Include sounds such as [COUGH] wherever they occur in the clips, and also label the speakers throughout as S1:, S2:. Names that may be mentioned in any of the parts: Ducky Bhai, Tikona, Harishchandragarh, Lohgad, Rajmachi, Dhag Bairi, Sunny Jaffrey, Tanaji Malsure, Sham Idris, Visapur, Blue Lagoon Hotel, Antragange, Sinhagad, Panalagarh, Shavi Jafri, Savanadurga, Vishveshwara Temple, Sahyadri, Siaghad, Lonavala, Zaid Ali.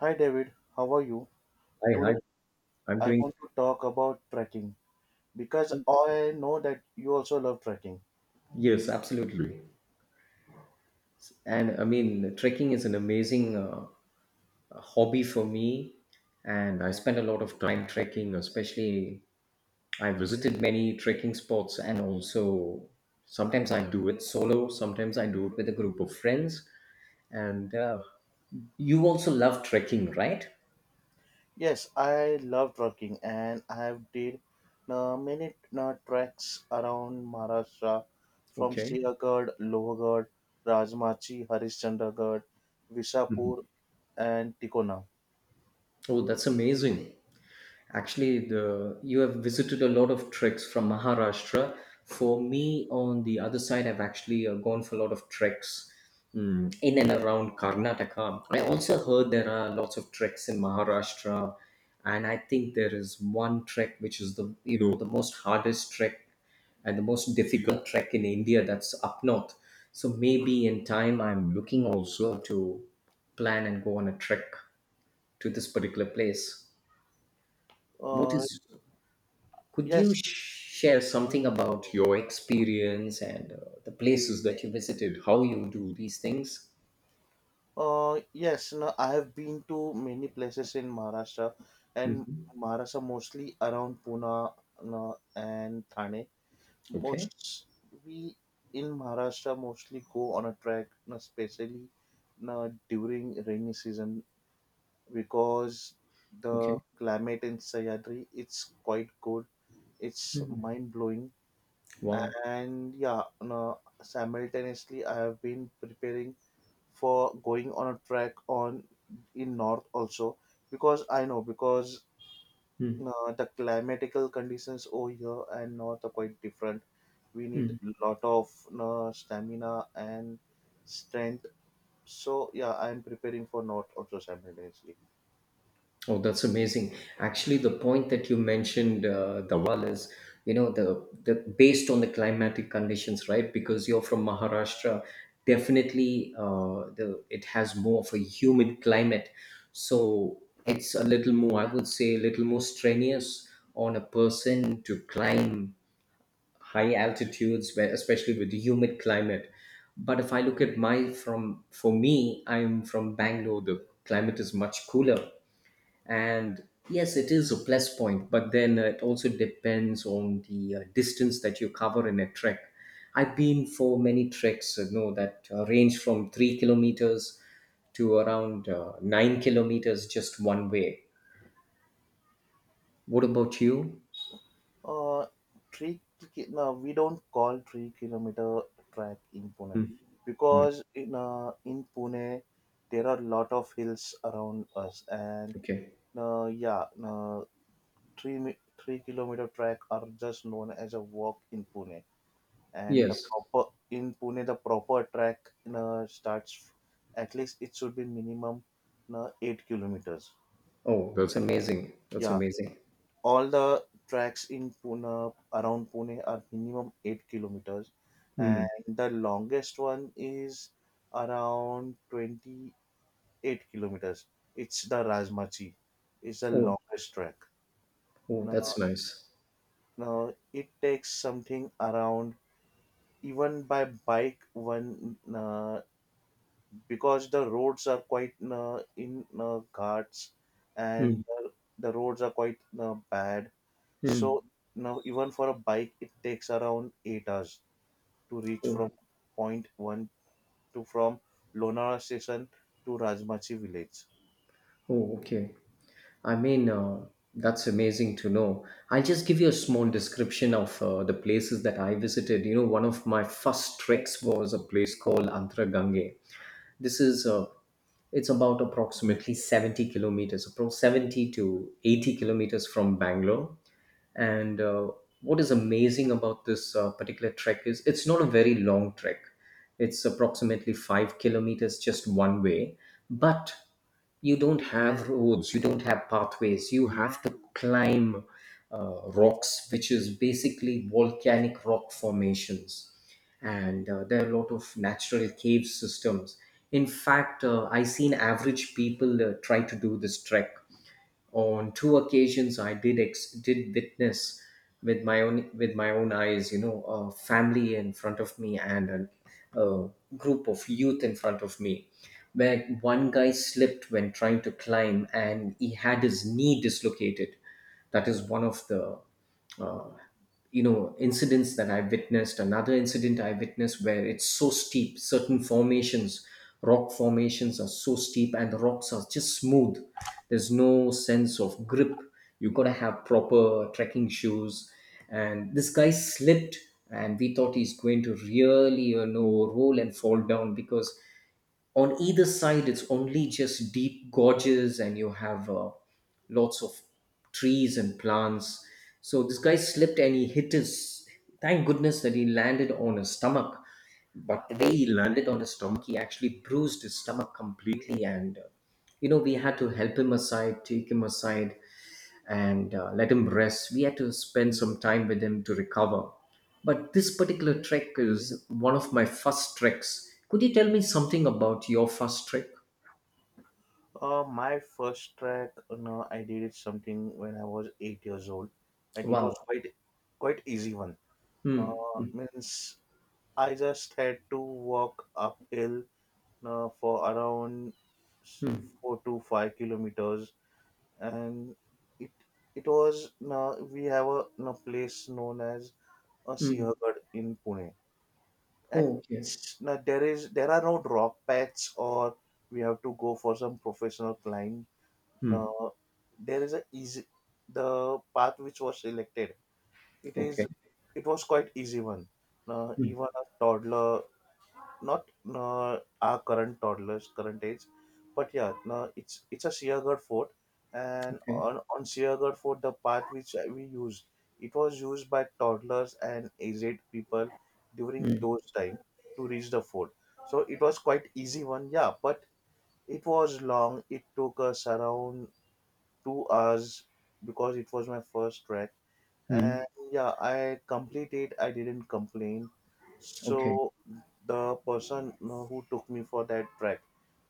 S1: Hi David, how are you?
S2: Hi, hi.
S1: Today
S2: I'm
S1: I
S2: doing,
S1: want to talk about trekking because I know that you also love trekking.
S2: yes, absolutely. And I mean, trekking is an amazing hobby for me. And I spend a lot of time trekking, especially I visited many trekking spots and also sometimes I do it solo, sometimes I do it with a group of friends. And you also love trekking, right?
S1: Yes, I love trekking and I have did many treks around Maharashtra from
S2: Okay.
S1: Siaghad, Lohgad, Rajmachi, Harishchandragarh, Visapur and Tikona.
S2: Oh, that's amazing. Actually, the you have visited a lot of treks from Maharashtra. For me, on the other side, I've actually gone for a lot of treks in and around Karnataka. I also heard there are lots of treks in Maharashtra, and I think there is one trek which is the you know the most hardest trek and the most difficult trek in India, that's up north. So maybe in time, I'm looking also to plan and go on a trek to this particular place. What
S1: Uh,
S2: is could you
S1: yes,
S2: share something about your experience and the places that you visited, how you do these things?
S1: Yes, no, I have been to many places in Maharashtra and Maharashtra mostly around Pune no, and Thane.
S2: Okay.
S1: Most We in Maharashtra mostly go on a trek, no, especially no, during rainy season because the
S2: Okay.
S1: climate in Sahyadri it's quite good. It's mind blowing
S2: Wow.
S1: and yeah, no, simultaneously I have been preparing for going on a trek on in north also because I know because
S2: Hmm.
S1: the climatical conditions over here and north are quite different. We need lot of stamina and strength. So yeah, I'm preparing for north also simultaneously.
S2: Oh, that's amazing. Actually, the point that you mentioned, Dawal, is, you know the based on the climatic conditions, right? Because you're from Maharashtra, definitely the it has more of a humid climate, so it's a little more, I would say, a little more strenuous on a person to climb high altitudes, where especially with the humid climate. But if I look at my from for me, I'm from Bangalore, the climate is much cooler, and yes, it is a plus point. But then it also depends on the distance that you cover in a trek. I've been for many treks, that range from 3 kilometers to around 9 kilometers, just one way. What about you?
S1: Uh, three no, we don't call 3 kilometer track in Pune because in Pune there are lot of hills around us and
S2: Okay.
S1: uh, yeah, uh, three mi- 3 kilometer track are just known as a walk in Pune, and
S2: Yes.
S1: the proper track starts at least it should be minimum 8 kilometers.
S2: Oh, that's amazing, that's
S1: Yeah,
S2: amazing.
S1: all the tracks in Pune around Pune are minimum 8 kilometers, and
S2: Hmm.
S1: the longest one is around 28 kilometers. It's the Rajmachi. It's the
S2: Oh,
S1: longest track.
S2: oh,
S1: Now,
S2: that's nice.
S1: now it takes something around even by bike one because the roads are quite in ghats
S2: Hmm.
S1: and the, the roads are quite bad so
S2: Mm.
S1: now even for a bike it takes around 8 hours to reach from
S2: Oh,
S1: point 1 to from Lonavala station to Rajmachi village.
S2: oh, okay. I mean, that's amazing to know. I'll just give you a small description of the places that I visited. One of my first treks was a place called Antragange. This is it's about approximately 70 kilometers, approximately 70 to 80 kilometers from Bangalore. And what is amazing about this particular trek is it's not a very long trek. It's approximately 5 kilometers just one way, but you don't have roads, you don't have pathways, you have to climb rocks, which is basically volcanic rock formations. And there are a lot of natural cave systems. In fact, I seen average people try to do this trek. On two occasions, I did witness with my own eyes, a family in front of me and a group of youth in front of me, where one guy slipped when trying to climb and he had his knee dislocated. That is one of the, incidents that I witnessed. Another incident I witnessed, where it's so steep, certain formations rock formations are so steep and the rocks are just smooth. There's no sense of grip, you got to have proper trekking shoes. And this guy slipped, and we thought he's going to really, roll and fall down, because on either side it's only just deep gorges, and you have lots of trees and plants. So this guy slipped and he hit his thank goodness that he landed on his stomach. But the way he landed on his stomach, he actually bruised his stomach completely. And we had to help him aside take him aside and let him rest. We had to spend some time with him to recover. But this particular trek is one of my first treks. Could you tell me something about your first trek?
S1: My first track, you know, I did it something when I was 8 years old and it was
S2: Wow.
S1: quite easy one
S2: Hmm.
S1: uh, means I just had to walk uphill for around s-
S2: Hmm.
S1: 4 to 5 kilometers, and it it was we have a place known as a
S2: Hmm.
S1: Siंhagad in Pune, and
S2: Oh, okay.
S1: there are no drop paths or we have to go for some professional climb.
S2: Hmm.
S1: Uh, there is a easy the path which was selected. It is
S2: Okay.
S1: it was quite easy one.
S2: Hmm.
S1: Even a toddler not our current toddlers, current age, but yeah, no, it's a Siagarh fort, and
S2: Okay.
S1: on Siagarh fort, the path which we used, it was used by toddlers and aged people during
S2: Hmm.
S1: those time to reach the fort. So it was quite easy one, yeah, but it was long. It took us around 2 hours because it was my first trek
S2: Hmm.
S1: and yeah, I complete it. I didn't complain.
S2: Okay.
S1: So the person you know, who took me for that track.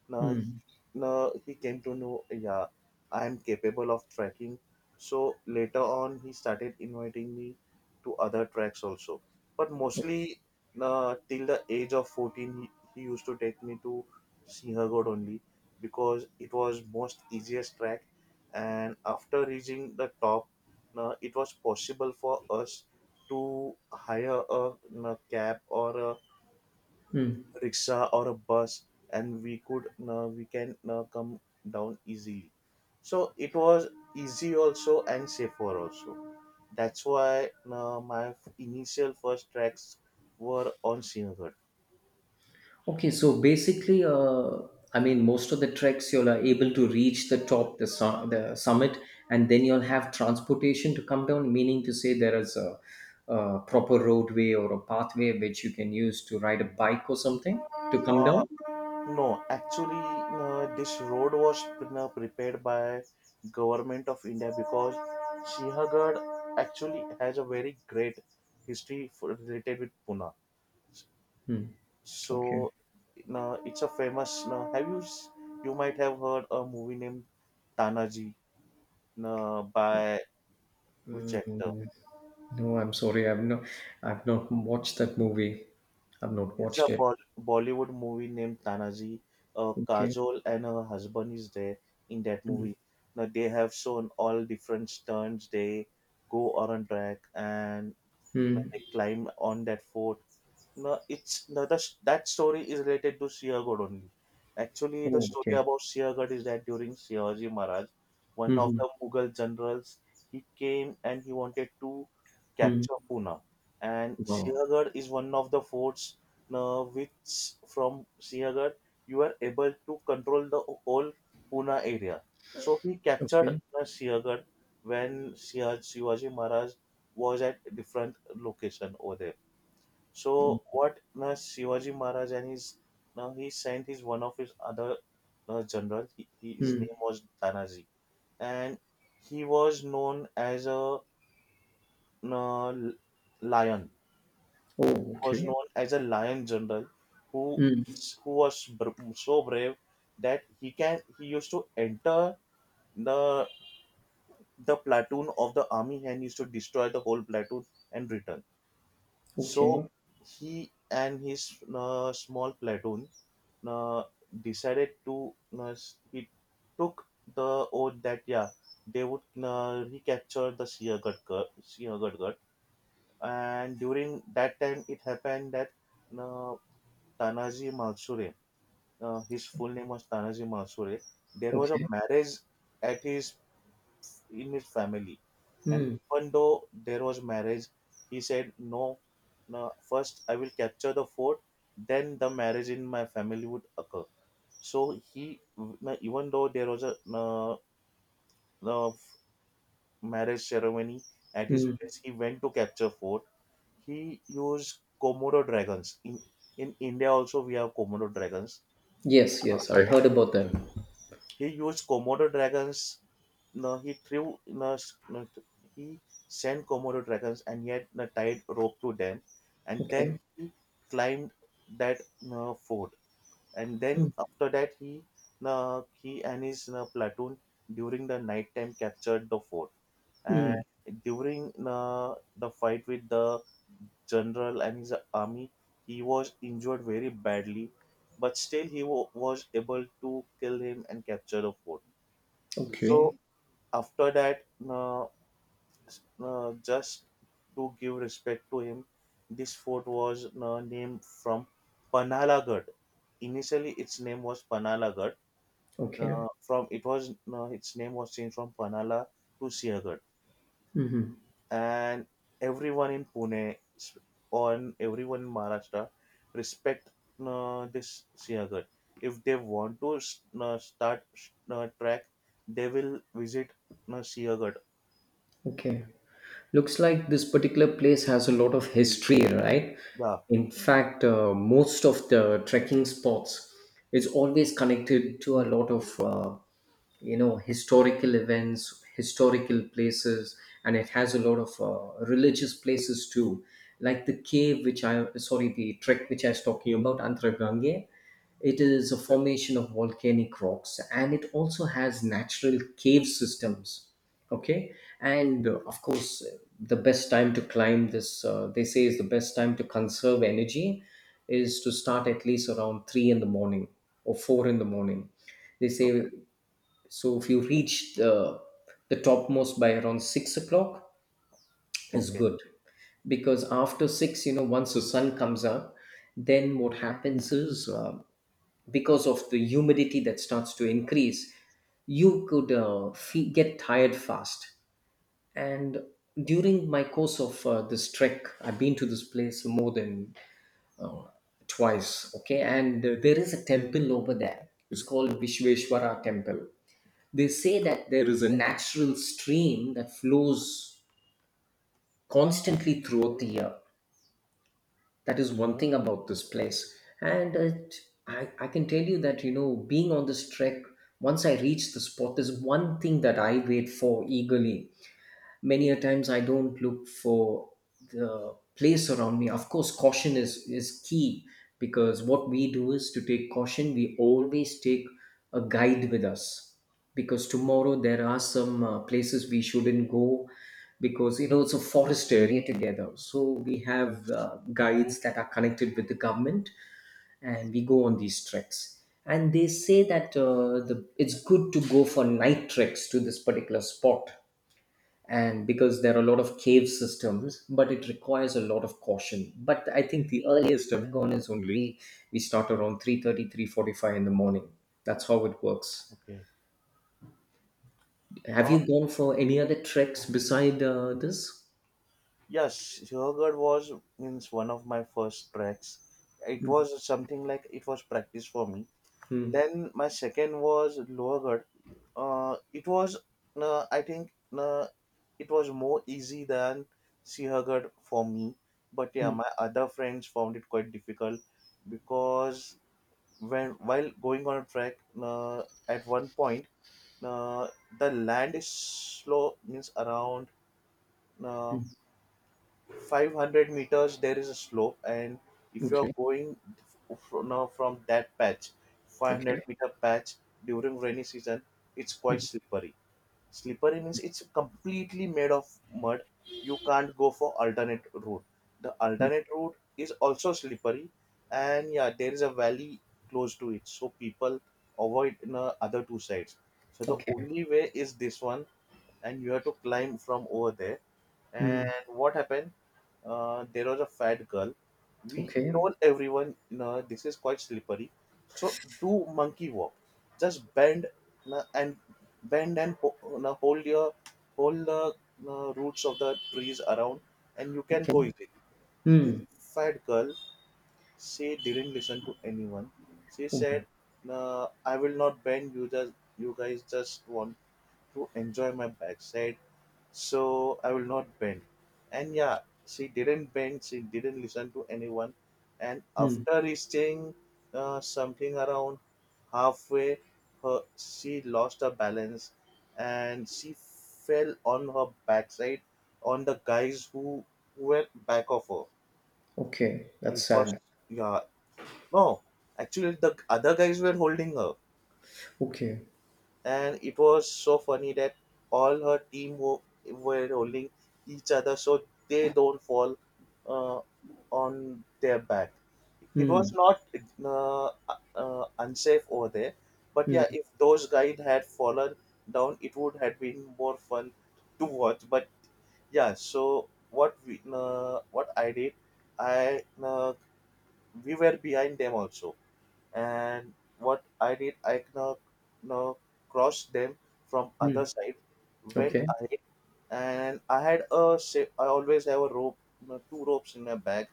S1: Now,
S2: Hmm.
S1: now he came to know, yeah, I am capable of trekking. So later on, he started inviting me to other tracks also. But mostly, till the age of 14, he used to take me to Sinhagod only because it was most easiest track. And after reaching the top, it was possible for us to hire a cab or a
S2: Hmm.
S1: rickshaw or a bus and we can come down easily so it was easy also and safer also. That's why initial first tracks were on Sinagad.
S2: Okay, so basically, I mean, most of the treks you'll are able to reach the top, the summit, and then you'll have transportation to come down. Meaning to say, there is a proper roadway or a pathway which you can use to ride a bike or something to come
S1: Uh,
S2: down.
S1: no, actually, this road was prepared by government of India because Sinagad actually has a very great history for, related with Pune.
S2: Okay.
S1: So no, it's a famous. No, have you s- You might have heard a movie named Tanaji no, by which actor?
S2: Mm, no, I'm sorry. I've not. I've not watched that movie. I've not
S1: It's a
S2: watched it.
S1: Bollywood movie named Tanaji.
S2: Okay.
S1: Kajol and her husband is there in that movie. Now they have shown all different stunts. They go on a track and you know,
S2: Hmm.
S1: they climb on that fort. No, it's no, the, That story is related to Siagot only. Actually, the
S2: Oh,
S1: story
S2: okay.
S1: about Siagot is that during Shivaji Maharaj, one of
S2: Mm-hmm.
S1: the Mughal generals, he came and he wanted to
S2: Mm.
S1: capture Pune. And
S2: Wow.
S1: Siagot is one of the forts no, which from Siagot you are able to control the whole Pune area. So he captured
S2: Okay.
S1: the Siagot when Shivaji Maharaj was at different location over there. So what now Shivaji Maharaj and his now he sent his one of his other general. His
S2: Mm.
S1: name was Tanaji, and he was known as a uh, lion.
S2: Oh,
S1: Was
S2: okay.
S1: known as a lion general who
S2: Mm.
S1: who was so brave that he used to enter the the platoon of the army and used to destroy the whole platoon and return. So
S2: Okay.
S1: he and his small platoon uh, decided to he took the oath that yeah they would recapture the Siagadgar. And during that time it happened that uh, Tanaji Malsure, his full name was Tanaji Malsure, there was a
S2: Okay.
S1: marriage at his in his family, and
S2: Mm.
S1: even though there was marriage, he said no. No, first I will capture the fort, then the marriage in my family would occur. So he, even though there was a uh, marriage ceremony at his
S2: Mm.
S1: place, he went to capture fort. He used Komodo dragons. In India also we have Komodo dragons.
S2: Yes, yes, I heard about them.
S1: He used Komodo dragons. No, he threw. No, s- no, th- he sent Komodo dragons and he had no, tied rope to them, and then
S2: Okay.
S1: he climbed that no, fort and then
S2: Mm.
S1: after that he and his platoon during the nighttime captured the fort and
S2: Mm.
S1: during the fight with the general and his army he was injured very badly but still he was able to kill him and capture the fort. So
S2: Okay.
S1: after that just to give respect to him this fort was named from panalagarh. Initially its name was panalagarh.
S2: Okay.
S1: From It was its name was changed from Panala to Siagat, and everyone in Pune s- on everyone in Maharashtra respect this Siagat. If they want to start track, they will visit Siagat.
S2: Okay. Looks like this particular place has a lot of history, right?
S1: Yeah.
S2: In fact, most of the trekking spots is always connected to a lot of historical events, historical places, and it has a lot of religious places too, like the cave, which I, sorry, the trek which I was talking about, Antragange. It is a
S1: Yeah.
S2: formation of volcanic rocks, and it also has natural cave systems. Okay. And of course, the best time to climb this, they say, is the best time to conserve energy is to start at least around 3 in the morning or 4 in the morning, they
S1: Okay.
S2: say. So if you reach the topmost by around 6 o'clock is
S1: Okay.
S2: good, because after 6, once the sun comes up, then what happens is because of the humidity that starts to increase, you could get tired fast. And during my course of this trek, I've been to this place more than uh, twice. Okay, and there is a temple over there. It's called Vishveshwara Temple. They say that there is a natural stream that flows constantly throughout the year. That is one thing about this place. And I can tell you that, being on this trek, once I reach the spot, there's one thing that I wait for eagerly. Many a times I don't look for the place around me. Of course, caution is key, because what we do is to take caution, we always take a guide with us, because tomorrow there are some places we shouldn't go, because, it's a forest area together, so we have guides that are connected with the government, and we go on these treks. And they say that it's good to go for night treks to this particular spot. And because there are a lot of cave systems, but it requires a lot of caution, but I think the earliest I've gone is only we start around 3:30, 3:45 in the morning. That's how it works.
S1: Okay.
S2: Have
S1: Uh,
S2: you gone for any other treks beside this?
S1: yes, Siagat was means one of my first tracks. It was something like it was practice for me.
S2: Hmm.
S1: Then my second was Lower Ghat. Uh, it was, I think, it was more easy than Sihagarh for me. But yeah, my other friends found it quite difficult because when while going on a trek, at one point, uh, the land is slow, means around. Uh, 500 meters there is a slope and if you are
S2: Okay.
S1: going from, now from that patch 500
S2: Okay.
S1: meter patch during rainy season it's quite slippery. Slippery means it's completely made of mud. You can't go for alternate route. The alternate route is also slippery and yeah there is a valley close to it so people avoid in, other two sides, so the
S2: Okay.
S1: only way is this one and you have to climb from over there. And
S2: Hmm.
S1: what happened? There was a fat girl. We
S2: Okay.
S1: told everyone, no, this is quite slippery. So do monkey walk. Just bend no, and bend and ho- no, hold your hold the no, roots of the trees around, and you can
S2: Okay.
S1: go easily. This
S2: Hmm.
S1: fat girl, she didn't listen to anyone. She
S2: Oh
S1: said,
S2: my.
S1: no, "I will not bend. You just you guys just want to enjoy my backside, so I will not bend. And yeah, she didn't bend, she didn't listen to anyone. And
S2: Hmm.
S1: after reaching something around halfway, she lost her balance and she fell on her backside on the guys who were back of her.
S2: Okay, that's
S1: It was,
S2: sad.
S1: yeah, no, actually, the other guys were holding her
S2: Okay.
S1: and it was so funny that all her team were holding each other so they don't fall uh, on their back. It
S2: Hmm.
S1: was not uh, unsafe over there, but
S2: Hmm.
S1: yeah, if those guys had fallen down, it would have been more fun to watch. But yeah, so what I did, I we were behind them also and what I did, I now now crossed them from other
S2: Hmm.
S1: side, went
S2: Okay.
S1: ahead, and I always have a rope, two ropes in my bag.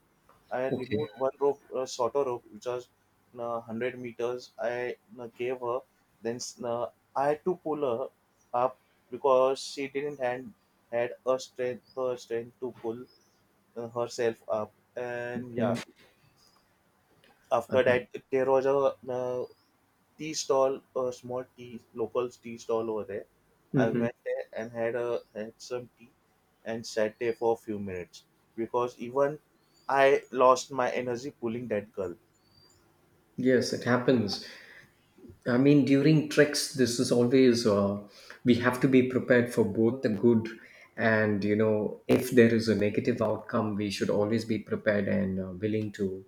S1: I
S2: Okay.
S1: removed one rope, shorter rope, which was 100 meters. I gave her. Then I had to pull her up because she didn't had had a strength, her strength to pull herself up. And yeah,
S2: Okay.
S1: after
S2: Okay.
S1: that, there was a tea stall, a small tea, local tea stall over there. I
S2: Hmm.
S1: went there and had a had some tea and sat there for a few minutes because even I lost my energy pulling that girl.
S2: Yes, it happens. I mean, during treks, this is always, we have to be prepared for both the good, and, if there is a negative outcome, we should always be prepared and willing to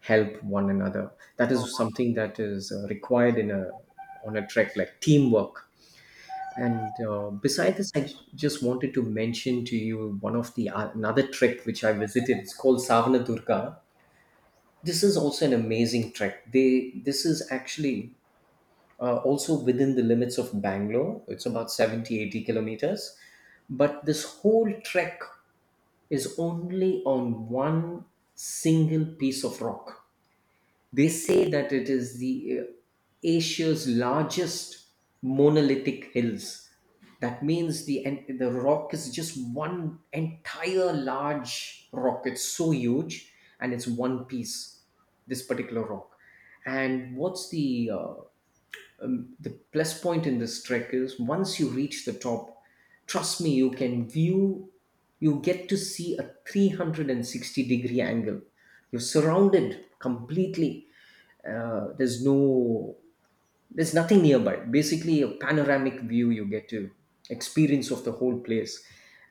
S2: help one another. That
S1: Oh,
S2: is something that is required in a on a trek, like teamwork. And besides this,
S1: yes.
S2: I just wanted to mention to you one of the another trek which I visited. It's called Savanadurga. This is also an amazing trek. They this is actually also within the limits of Bangalore. It's about 70, 80 kilometers. But this whole trek is only on one single piece of rock. They say that it is the Asia's largest monolithic hills. That means the rock is just one entire large rock. It's so huge, and it's one piece. This particular rock. And what's the plus point in this trek is once you reach the top, trust me, you can view, you get to see a 360 degree angle. You're surrounded completely. Uh, there's no there's nothing nearby, basically a panoramic view you get to experience of the whole place.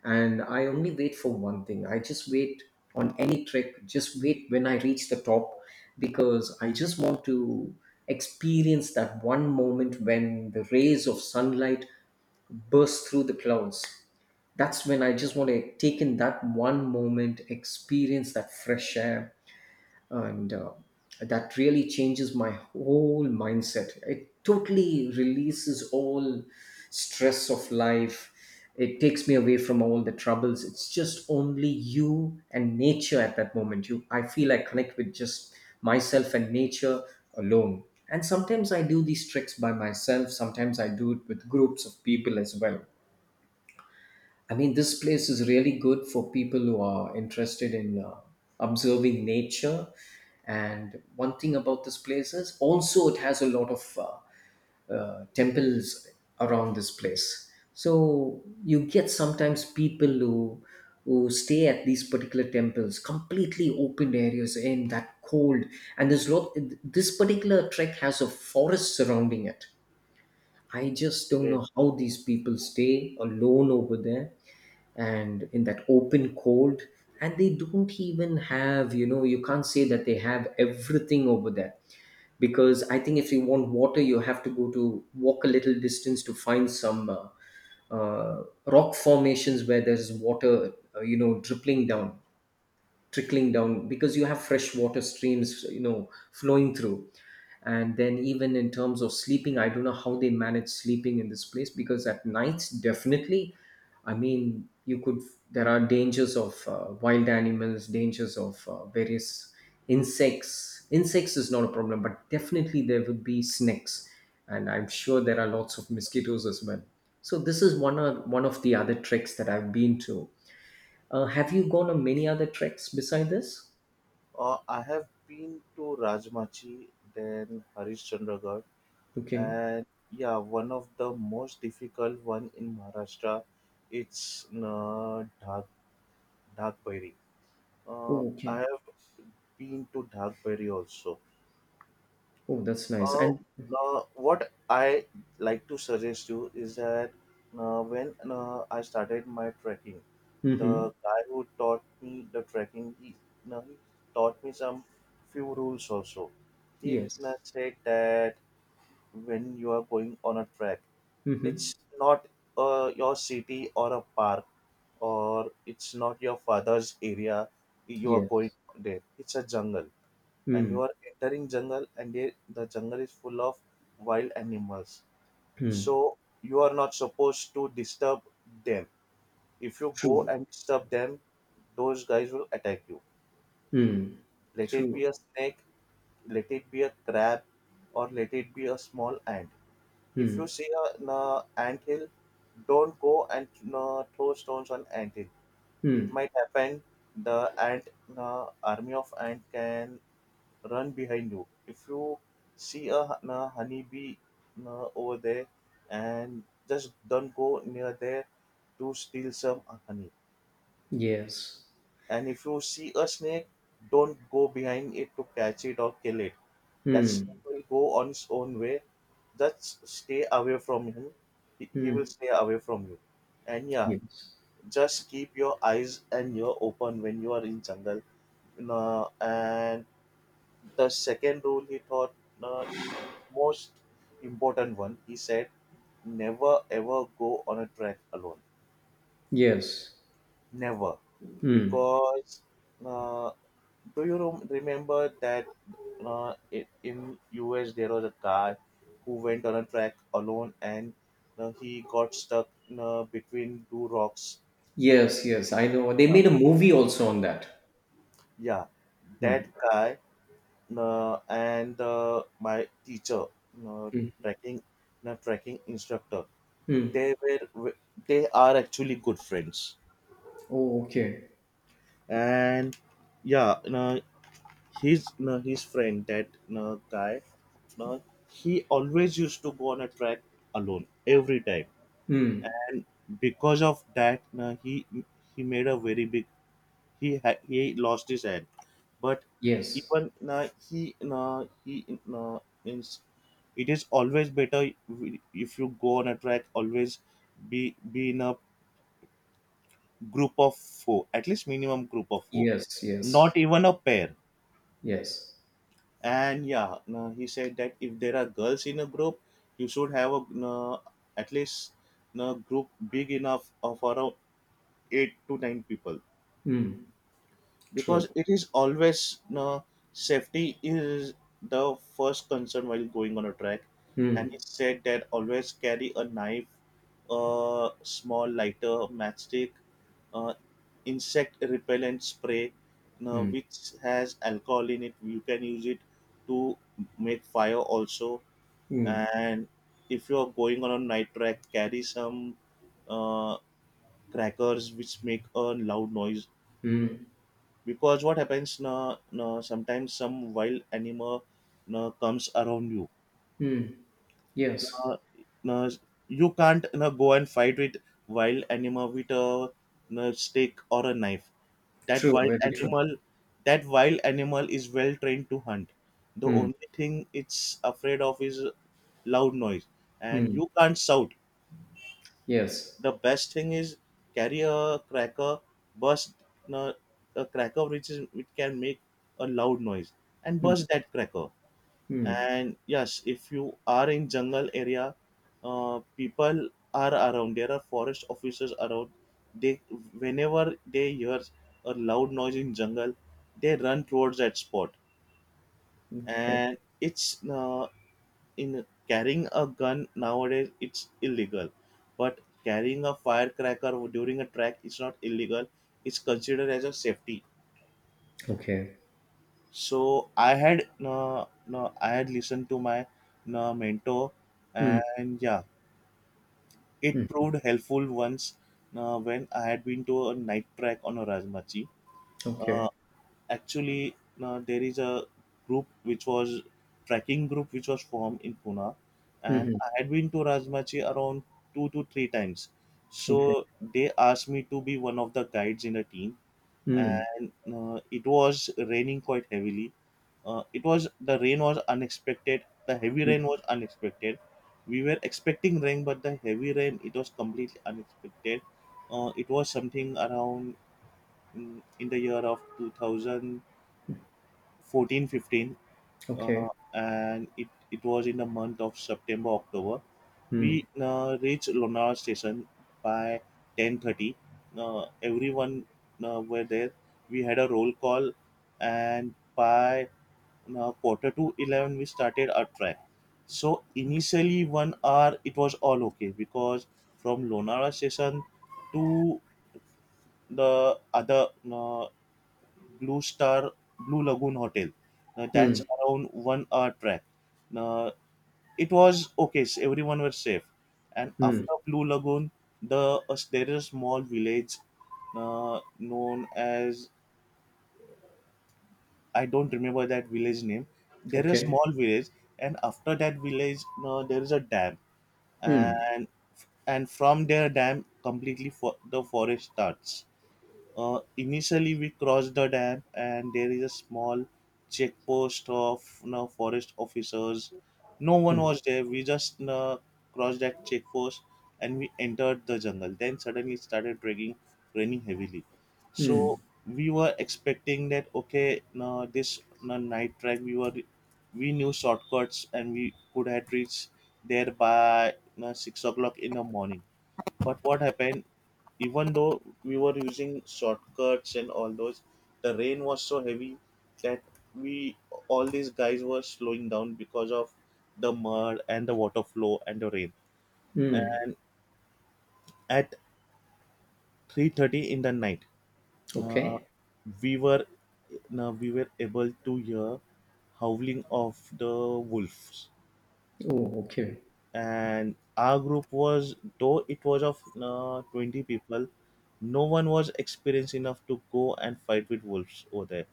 S2: And I only wait for one thing, I just wait, on any trek, just wait, when I reach the top, because I just want to experience that one moment when the rays of sunlight burst through the clouds. That's when I just want to take in that one moment, experience that fresh air. And that really changes my whole mindset, it totally releases all stress of life. It takes me away from all the troubles. It's just only you and nature at that moment. You I feel I connect with just myself and nature, alone. And sometimes I do these tricks by myself, sometimes I do it with groups of people as well. I mean, this place is really good for people who are interested in observing nature. And one thing about this place is also it has a lot of temples around this place. So you get sometimes people who stay at these particular temples, completely open areas in that cold. And there's lot. This particular trek has a forest surrounding it. I just don't
S1: Yes.
S2: know how these people stay alone over there and in that open cold, and they don't even have, you can't say that they have everything over there, because I think if you want water, you have to go to walk a little distance to find some rock formations where there's water, dripping down, trickling down, because you have fresh water streams, flowing through. And then even in terms of sleeping, I don't know how they manage sleeping in this place, because at nights, definitely, I mean, you could there are dangers of wild animals, dangers of various insects. Insects is not a problem, but definitely there would be snakes, and I'm sure there are lots of mosquitoes as well. So this is one of the other treks that I've been to. Have you gone on many other treks beside this?
S1: I have been to Rajmachi, then Harishchandragarh,
S2: Okay.
S1: and yeah, one of the most difficult one in Maharashtra. It's Dhag Bairi.
S2: Oh,
S1: I
S2: okay.
S1: have been to Dhag Bairi also.
S2: Oh, that's nice.
S1: Uh,
S2: And
S1: what I like to suggest you is that when I started my trekking,
S2: mhm.
S1: the guy who taught me the trekking, he taught me some few rules also. He
S2: Yes.
S1: said that when you are going on a trek,
S2: Mm-hmm.
S1: it's not your city or a park, or it's not your father's area you are going
S2: Yes.
S1: there. It's a jungle, and you
S2: Mm.
S1: are entering jungle, and the jungle is full of wild animals,
S2: Mm.
S1: so you are not supposed to disturb them. If you go
S2: True.
S1: and disturb them, those guys will attack you.
S2: Mm.
S1: Let it be
S2: True.
S1: a snake, let it be a crab, or let it be a small ant. If you
S2: Mm.
S1: see an ant hill, don't go and throw stones on ant hill. It
S2: Mm.
S1: might happen the ant army of ant can run behind you. If you see a h- na honeybee na over there, and just don't go near there to steal some honey.
S2: Yes.
S1: And if you see a snake, don't go behind it to catch it or kill it. That snake
S2: Mm.
S1: will go on its own way. Just stay away from him. He will
S2: Mm.
S1: stay away from you. And yeah,
S2: Yes.
S1: just keep your eyes and ear open when you are in jungle. You and The second rule he taught, uh, most important one. He said, never ever go on a trek alone.
S2: Yes.
S1: Never. Because uh, do you remember that in US there was a guy who went on a trek alone and he got stuck between two rocks.
S2: Yes. Yes, I know. They made a movie also on that.
S1: Yeah, that
S2: Mm.
S1: guy, and my teacher, uh, trekking, trekking instructor,
S2: Mm.
S1: they were they are actually good friends.
S2: Oh, okay.
S1: And yeah, no, his, no, his friend, that, no, guy, no, he always used to go on a track alone every time.
S2: Mm.
S1: And because of that, no, he made a very big he ha- he lost his hand. But
S2: Yes.
S1: even, no, he, no, he, no, means, it is always better if you go on a track, always be in a group of four, at least minimum group of four,
S2: Yes.
S1: not
S2: Yes.
S1: even a pair.
S2: Yes.
S1: And yeah, no, he said that if there are girls in a group, you should have a, no, at least, no, group big enough of around eight to nine people,
S2: Mm. True.
S1: because it is always, safety is the first concern while going on a track. And he
S2: Mm.
S1: said that always carry a knife, a small lighter, matchstick, uh, insect repellent spray,
S2: Mm.
S1: which has alcohol in it, you can use it to make fire also.
S2: Mm.
S1: And if you are going on a night track, carry some uh, crackers which make a loud noise,
S2: Mm.
S1: because what happens, sometimes some wild animal, comes around you.
S2: Mm. Yes.
S1: uh, na, you can't, go and fight with wild animal with a, stick or a knife. That
S2: True.
S1: wild
S2: Very true.
S1: animal, that wild animal is well trained to hunt. The
S2: Mm.
S1: only thing it's afraid of is loud noise, and
S2: Mm.
S1: you can't shout.
S2: Yes.
S1: The best thing is, carry a cracker, burst uh, a cracker which can make a loud noise, and
S2: Mm.
S1: burst that cracker.
S2: Mm.
S1: And yes, if you are in jungle area, people are around. There are forest officers around. They, whenever they hear a loud noise in jungle, they run towards that spot,
S2: Okay.
S1: and it's in carrying a gun nowadays it's illegal, but carrying a firecracker during a track is not illegal, it's considered as a safety.
S2: Okay.
S1: So I had, no, no, I had listened to my, no, mentor,
S2: Mm.
S1: and yeah, it proved helpful once. No, when I had been to a night track on a Rajmachi. Uh,
S2: Okay.
S1: Actually, there is a group which was trekking group which was formed in Pune, and
S2: Mhm.
S1: I had been to Rajmachi around two to three times. So
S2: Okay.
S1: they asked me to be one of the guides in the team,
S2: Mm.
S1: and it was raining quite heavily. It was The rain was unexpected. The heavy rain
S2: Mm.
S1: was unexpected. We were expecting rain, but the heavy rain, it was completely unexpected. It was something around, in the year of 2000 14 15,
S2: Okay.
S1: and it was in the month of September, October. We
S2: Mm.
S1: reached Lonavala station by 10:30. Everyone were there. We had a roll call, and by quarter to 11 we started our trek. So initially 1 hour it was all okay, because from Lonavala station to the other, Blue Star Blue Lagoon Hotel. Now that's
S2: Mm.
S1: around 1 hour track. Now it was okay. So everyone was safe, and
S2: Mm.
S1: after Blue Lagoon, there is a small village known as, I don't remember that village name. There is a
S2: Okay.
S1: small village, and after that village, there is a dam,
S2: Mm.
S1: and from their dam, completely for the forest starts. Initially, we crossed the dam, and there is a small checkpost of, forest officers. No one
S2: Mm.
S1: was there. We just, crossed that checkpost, and we entered the jungle. Then suddenly it started raining, raining heavily. So
S2: Mm.
S1: we were expecting that okay, no, this, no, night track, we knew shortcuts and we could have reached there by you 6 o'clock in the morning. But what happened, even though we were using shortcuts and all those, the rain was so heavy that we all these guys were slowing down because of the mud and the water flow and the rain.
S2: Mm.
S1: At 3:30 in the night, uh,
S2: Okay.
S1: we were now we were able to hear howling of the wolves,
S2: Oh, okay.
S1: and our group was, though it was of 20 people, no one was experienced enough to go and fight with wolves over there.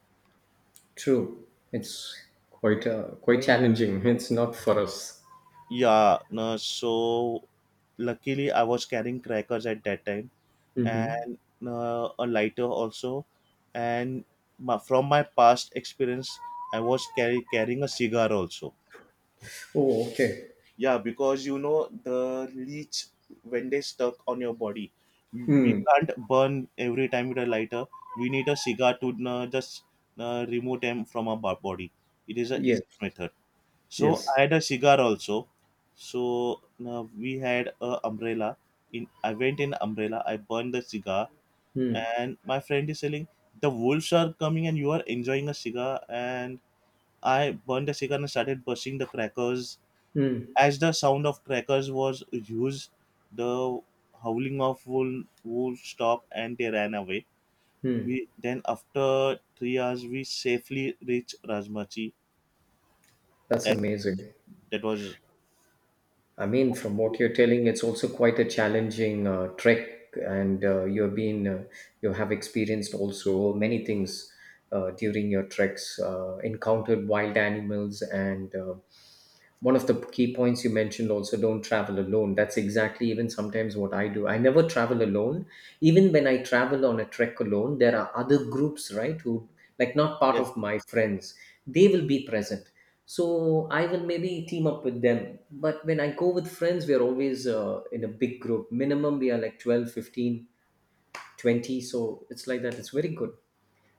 S2: True. It's quite quite challenging. [LAUGHS] It's not for us.
S1: Yeah, no, so luckily I was carrying crackers at that time,
S2: Mm-hmm.
S1: and a lighter also, and from my past experience I was carrying a cigar also.
S2: Oh, okay.
S1: Yeah, because you know the leech, when they stuck on your body, we
S2: Mm.
S1: can't burn every time with a lighter. We need a cigar to just remove them from our body. It is a
S2: Yes.
S1: easy method. So I
S2: Yes.
S1: had a cigar also. So we had a umbrella. In I went in umbrella. I burned the cigar,
S2: Mm.
S1: and my friend is telling, the wolves are coming, and you are enjoying a cigar. And I burned the cigar and started bursting the crackers.
S2: Mm.
S1: As the sound of crackers was used, the howling of wolves stopped and they ran away.
S2: Mm.
S1: We, then after 3 hours, we safely reached Rajmachi.
S2: That's
S1: That
S2: amazing.
S1: that was.
S2: I mean, from what you're telling, it's also quite a challenging trek, and you have experienced also many things during your treks, encountered wild animals, and one of the key points you mentioned also, don't travel alone. That's exactly even sometimes what I do, I never travel alone. Even when I travel on a trek alone, there are other groups, right, who, like, not part
S1: Yes.
S2: of my friends, they will be present, so I will maybe team up with them. But when I go with friends, we are always in a big group, minimum we are like 12, 15, 20. So it's like that, it's very good.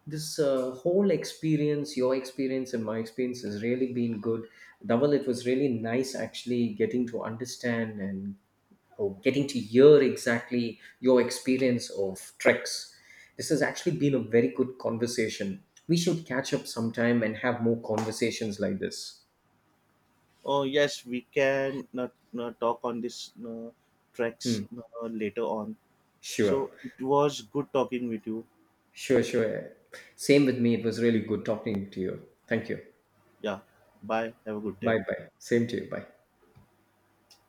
S2: This whole experience, your experience and my experience has really been good. Dhaval, it was really nice actually getting to understand, and or getting to hear exactly your experience of treks. This has actually been a very good conversation, we should catch up sometime and have more conversations like this.
S1: Oh yes, we can talk on this tracks
S2: Hmm.
S1: later on.
S2: Sure,
S1: So it was good talking with you.
S2: sure, sure. Same with me, it was really good talking to you. Thank you.
S1: Yeah. Bye. Have a good day.
S2: Bye, bye, same to you. Bye.